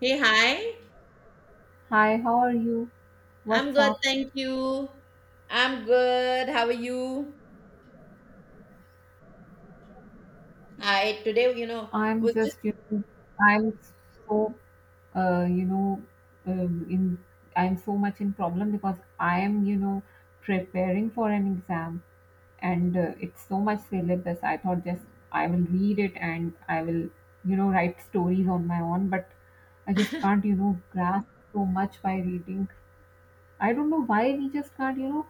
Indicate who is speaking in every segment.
Speaker 1: Hey, hi.
Speaker 2: Hi, how are you?
Speaker 1: I'm
Speaker 2: What's
Speaker 1: good,
Speaker 2: up?
Speaker 1: thank you. I'm good. How are you? I today,
Speaker 2: I'm
Speaker 1: was just.
Speaker 2: just, I'm so, uh, you know, in I'm so much in problem because I am, preparing for an exam, and it's so much syllabus. I thought just I will read it and I will, write stories on my own, but I just can't, grasp so much by reading. I don't know why we just can't,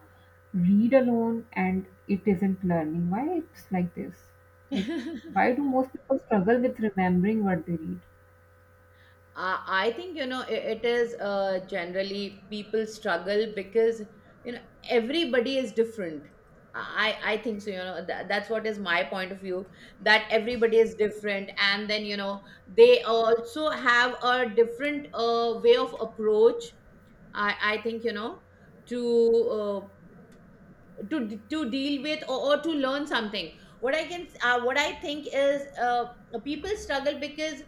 Speaker 2: read alone and it isn't learning. Why it's like this? Like, why do most people struggle with remembering what they read?
Speaker 1: I think, it is generally people struggle because, you know, everybody is different. I think so, that's what is my point of view that everybody is different. And then, they also have a different way of approach. I think, to uh, to deal with, or to learn something. What I think is, people struggle because,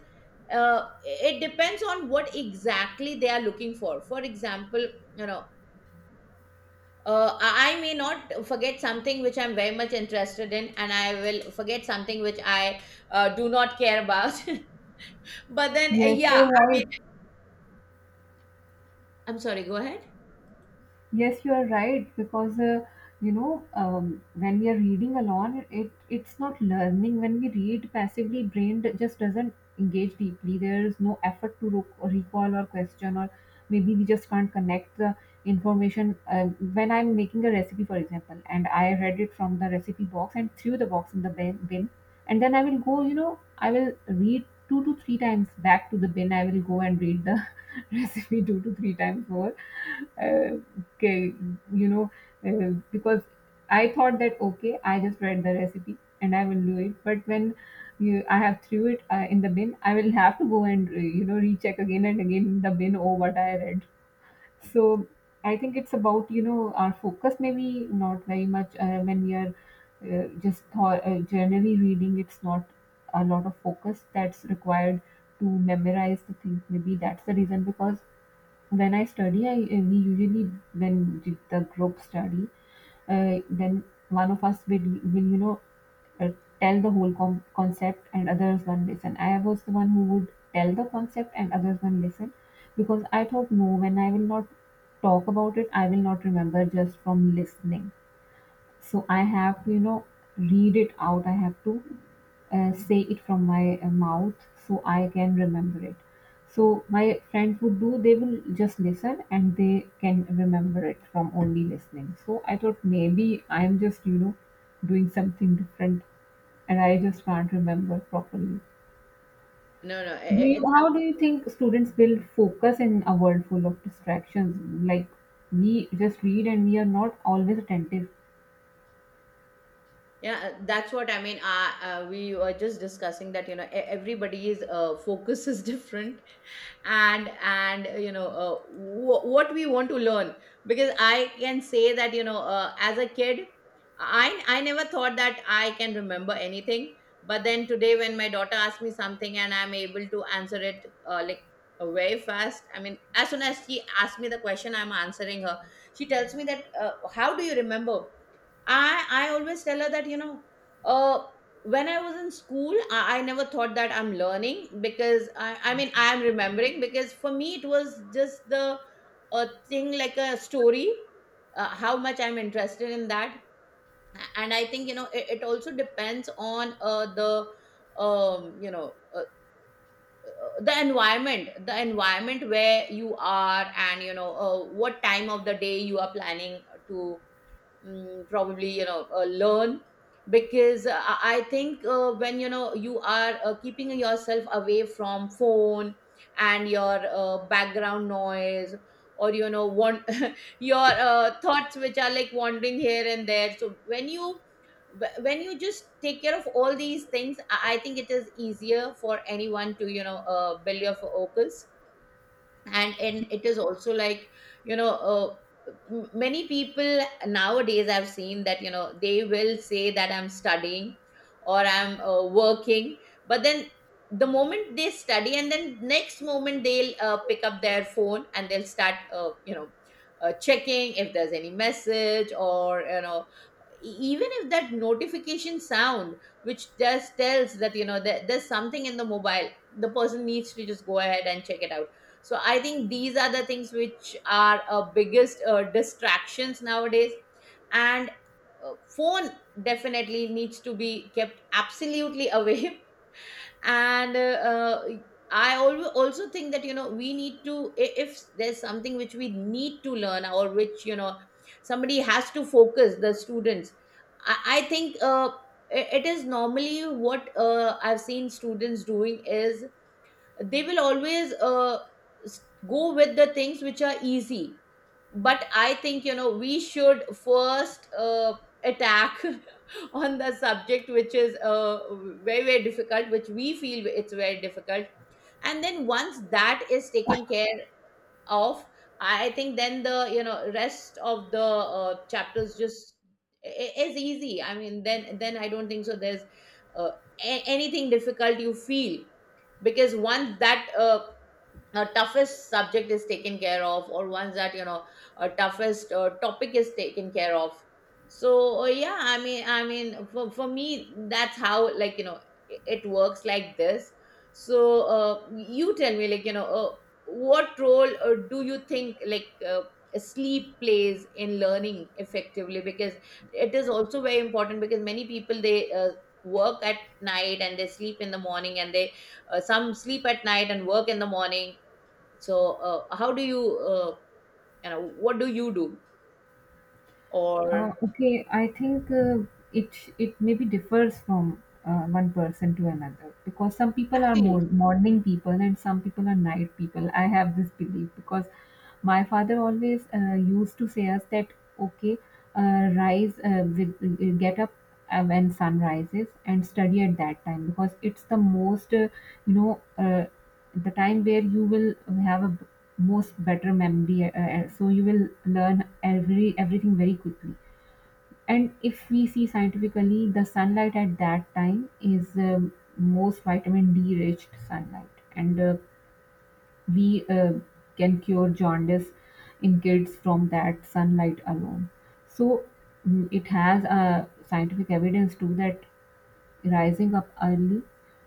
Speaker 1: it depends on what exactly they are looking for. For example, you know I may not forget something which I'm very much interested in, and I will forget something which I do not care about. But then,
Speaker 2: Yes, you're
Speaker 1: yeah, I
Speaker 2: right.
Speaker 1: mean, I'm sorry, go ahead.
Speaker 2: Yes, you are right because when we are reading alone, it's not learning. When we read passively, just doesn't engage deeply. There is no effort to recall or question, or maybe we just can't connect the information. When I'm making a recipe, for example, and I read it from the recipe box and threw the box in the bin, and then I will go. You know, I will read two to three times back to the bin. I will go and read the recipe two to three times more. Uh, okay, you know, because I thought that okay, I just read the recipe and I will do it. But when you, I have threw it in the bin, I will have to go and recheck again and again in the bin, oh what I read. So I think it's about, you know, our focus maybe not very much when we are generally reading. It's not a lot of focus that's required to memorize the thing. Maybe that's the reason because when I study, I we usually when did the group study, then one of us will will you know uh, tell the whole concept and others one listen. I was the one who would tell the concept and others one listen because I thought no, when I will not talk about it, I will not remember just from listening. So I have to, you know, read it out. I have to say it from my mouth so I can remember it. So my friends would do, they will just listen and they can remember it from only listening. So I thought maybe I'm just, doing something different and I just can't remember properly.
Speaker 1: No, no,
Speaker 2: Do you,
Speaker 1: it's.
Speaker 2: how do you think students build focus in a world full of distractions? Like, we just read and we are not always attentive.
Speaker 1: Yeah, that's what I mean. We were just discussing that, everybody's focus is different, and what we want to learn. Because I can say that, as a kid, I never thought that I can remember anything. But then today, when my daughter asks me something and I'm able to answer it, like, very fast. I mean, as soon as she asks me the question, I'm answering her. She tells me that, how do you remember? I always tell her that, uh, when I was in school, I never thought that I'm learning because, I mean, I'm remembering, because for me it was just the a thing like a story, how much I'm interested in that, and I think, it also depends on, the, um you know uh, the environment where you are, and, what time of the day you are planning to, probably, learn. Because, I think, when, you are, keeping yourself away from phone, and your background noise, or, want your thoughts which are, like, wandering here and there. So when you, when you just take care of all these things, I think it is easier for anyone to, build your focus. And it is also like, you know uh, many people nowadays, I've seen that, they will say that I'm studying or I'm, working, but then the moment they study, and then next moment they'll, pick up their phone and they'll start, checking if there's any message, or, e, even if that notification sound which just tells that, that there's something in the mobile, the person needs to just go ahead and check it out. So I think these are the things which are, biggest, distractions nowadays. And, phone definitely needs to be kept absolutely away. And, uh, also think that, we need to, if there's something which we need to learn, or which, somebody has to focus, the students, I think, it is normally what, I've seen students doing, is they will always, s- go with the things which are easy. But I think, we should first, attack on the subject which is, very very difficult, which we feel it's very difficult. And then once that is taken care of, I think then the, rest of the, chapters, just, is easy. I mean, then, I don't think so there's, uh, anything difficult, you feel, because once that, toughest subject is taken care of, or ones that, toughest, topic is taken care of. So, yeah, I mean, for me, that's how, like, it works, like this. So, you tell me, like, what role, do you think, like, sleep plays in learning effectively, because it is also very important, because many people, they, work at night and they sleep in the morning, and they, some sleep at night and work in the morning. So, how do you, what do you do? Or...
Speaker 2: Okay, I think it maybe differs from one person to another because some people are more
Speaker 1: Absolutely.
Speaker 2: morning people and some people are night people. I have this belief because my father always used to say us that okay, rise with get up when sun rises and study at that time because it's the most you know uh, the time where you will have a b- most better memory, so you will learn everything very quickly. And if we see scientifically, the sunlight at that time is most vitamin D rich sunlight, and we can cure jaundice in kids from that sunlight alone. So, it has a scientific evidence too that rising up early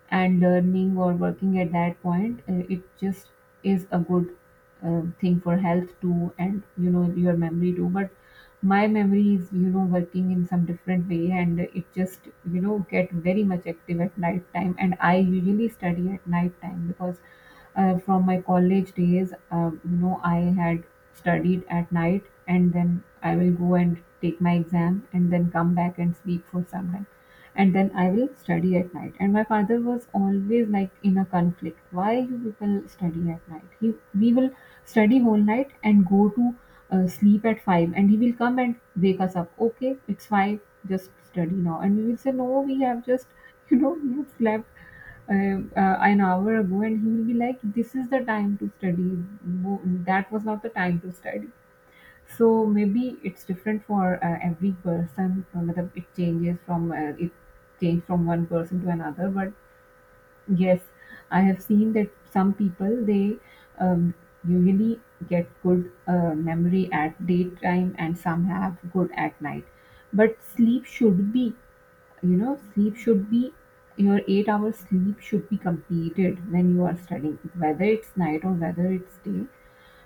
Speaker 2: and learning or working at that point, it just is a good thing for health too and, you know, your memory too. But my memory is, you know, working in some different way and it just, you know, get very much active at night time. And I usually study at night time because from my college days, you know, I had studied at night and then I will go and take my exam and then come back and sleep for some time and then I will study at night. And my father was always like in a conflict. Why you people study at night? He we will study whole night and go to sleep at 5, and he will come and wake us up. Okay, it's 5. Just study now, and we will say no. We have just, you know, we have slept. An hour ago, and he will be like, "This is the time to study. No, that was not the time to study." So maybe it's different for every person, whether it changes from it change from one person to another. But yes, I have seen that some people they um, usually get good memory at daytime, and some have good at night. But sleep should be, you know, sleep should be, your 8 hours sleep should be completed when you are studying, whether it's night or whether it's day.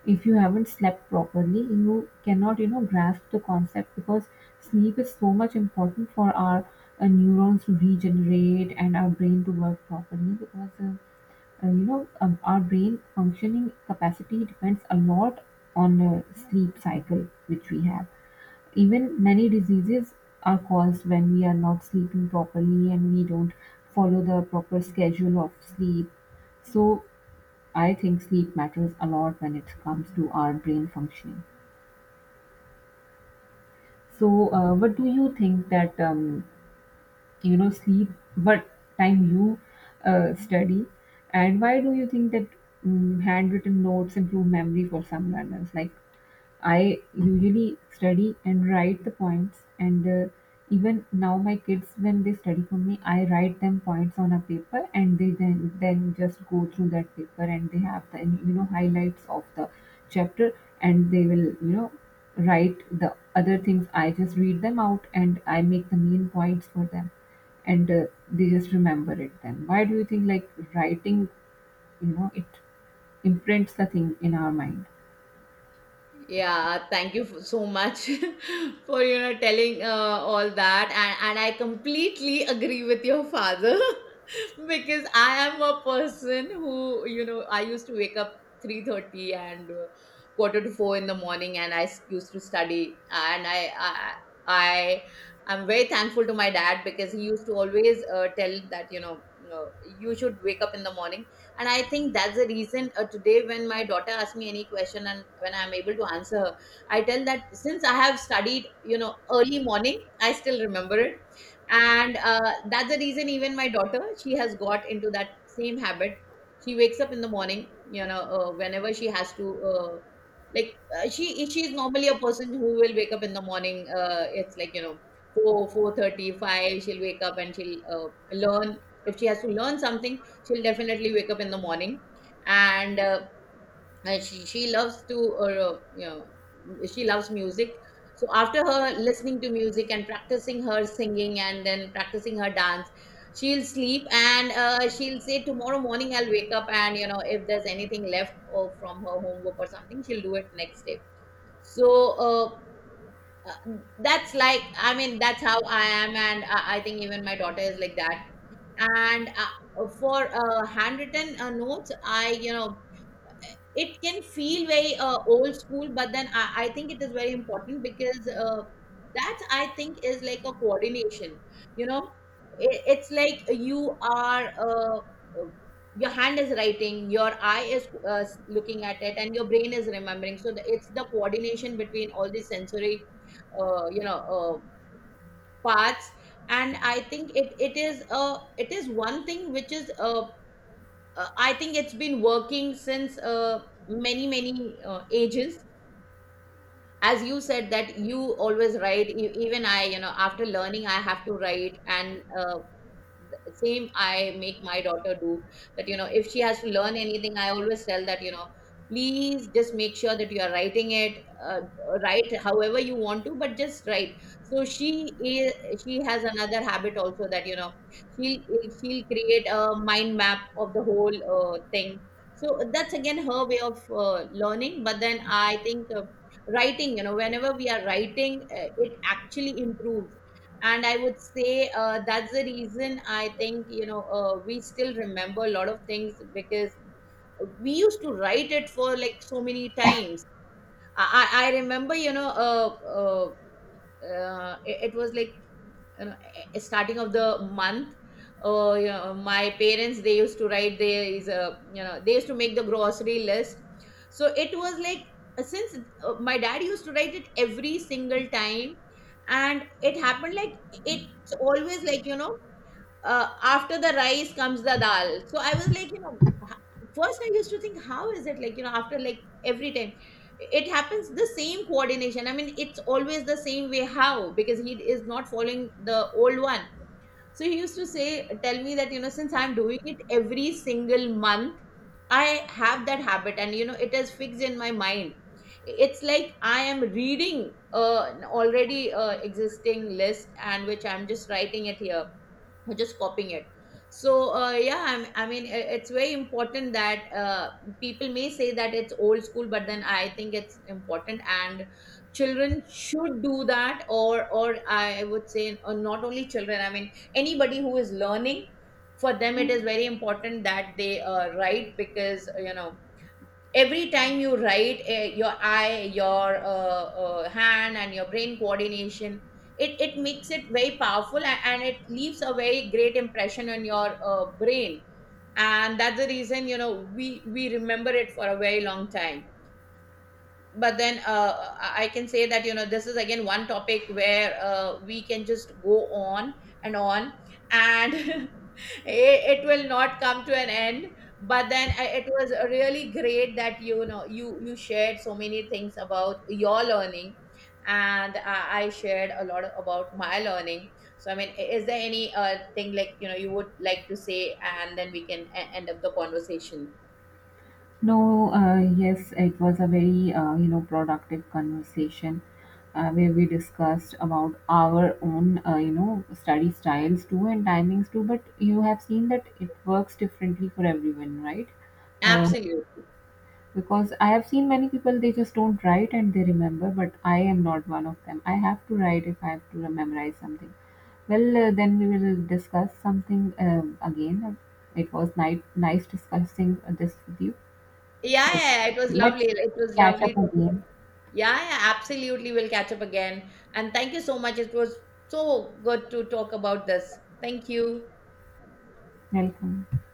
Speaker 2: If you haven't slept properly, you cannot, you know, grasp the concept because sleep is so much important for our neurons to regenerate and our brain to work properly because, you know, our brain functioning capacity depends a lot on sleep cycle which we have. Even many diseases are caused when we are not sleeping properly and we don't follow the proper schedule of sleep. So I think sleep matters a lot when it comes to our brain functioning. So, what do you think that, you know, sleep but time you study and why do you think that, handwritten notes improve memory for some learners? Like, I usually study and write the points, and even now my kids, when they study for me, I write them points on a paper, and they then just go through that paper, and they have the, you know, highlights of the chapter, and they will, you know, write the other things. I just read them out and I make the main points for them, and they just remember it. Then why do you think like writing, you know, it imprints the thing in our mind?
Speaker 1: Yeah. Thank you for, so much, for, telling, all that, and I completely agree with your father. Because I am a person who, I used to wake up 3:30 and, quarter to 4 in the morning, and I, used to study, and I I I'm very thankful to my dad, because he used to always, tell that, uh, you should wake up in the morning. And I think that's the reason, today when my daughter asks me any question and when I'm able to answer her, I tell that since I have studied, early morning, I still remember it. And, that's the reason, even my daughter, she has got into that same habit. She wakes up in the morning, whenever she has to, like, she is normally a person who will wake up in the morning, it's like, 4 4:35. She'll wake up and she'll, learn. If she has to learn something, she'll definitely wake up in the morning. And uh, and she loves to you know she loves music. So after her listening to music and practicing her singing and then practicing her dance, she'll sleep, and, she'll say, tomorrow morning I'll wake up, and, if there's anything left, or from her homework or something, she'll do it next day. So, uh, uh, that's like, I mean, that's how I am, and I think even my daughter is like that. And, for, handwritten, notes, I, it can feel very, old school, but then I think it is very important, because, that, I think, is like a coordination. You know, it's like, you are, uh, your hand is writing, your eye is, looking at it, and your brain is remembering. So it's the coordination between all these sensory, uh, you know, parts. And I think it is one thing which is, I think, it's been working since, many many, ages. As you said that you always write, even I, you know, after learning, I have to write, and, same I make my daughter do, that, if she has to learn anything, I always tell that, please just make sure that you are writing it. uh, Write however you want to, but just write. So she has another habit also, that, she'll she'll create a mind map of the whole, thing. So that's again her way of, learning. But then I think, writing, whenever we are writing, it actually improves. And I would say, that's the reason, I think, we still remember a lot of things, because we used to write it for, like, so many times. I remember, it was like, you know, starting of the month, my parents, they used to write, there is a, you know, they used to make the grocery list. So it was like, since, my dad used to write it every single time, and it happened like, it's always like, after the rice comes the dal. So I was like, you know, first I used to think, how is it like, you know, after, like, every time it happens the same coordination. I mean, it's always the same way. How? Because he is not following the old one. So he used to say, tell me that, you know, since I'm doing it every single month, I have that habit, and, you know, it is fixed in my mind. It's like I am reading, an already, existing list, and which I'm just writing it here, we just copying it. So, yeah, I mean, it's very important that, people may say that it's old school, but then I think it's important, and children should do that, or I would say, not only children, I mean, anybody who is learning, for them it is very important that they, write, because, every time you write, your eye, your, hand, and your brain coordination, it makes it very powerful, and it leaves a very great impression on your, brain. And that's the reason, we remember it for a very long time. But then, I can say that, this is again one topic where, we can just go on and on, and it will not come to an end. But then, it was really great that, you shared so many things about your learning, and I shared a lot about my learning. So, I mean, is there any, thing, like, you would like to say, and then we can, end up the conversation?
Speaker 2: No, yes, it was a very, you know, productive conversation, where we discussed about our own, you know, study styles too and timings too, but you have seen that it works differently for everyone, right? uh,
Speaker 1: Absolutely.
Speaker 2: Because I have seen many people, they just don't write and they remember, but I am not one of them. I have to write if I have to memorize something. Well, then we will discuss something, again. It was nice discussing this with you.
Speaker 1: Yeah,
Speaker 2: So
Speaker 1: yeah, it was lovely,
Speaker 2: let's
Speaker 1: it was
Speaker 2: catch
Speaker 1: lovely
Speaker 2: up
Speaker 1: talking.
Speaker 2: again.
Speaker 1: Yeah, yeah, absolutely, we'll catch up again. And thank you so much, it was so good to talk about this. Thank you.
Speaker 2: Welcome.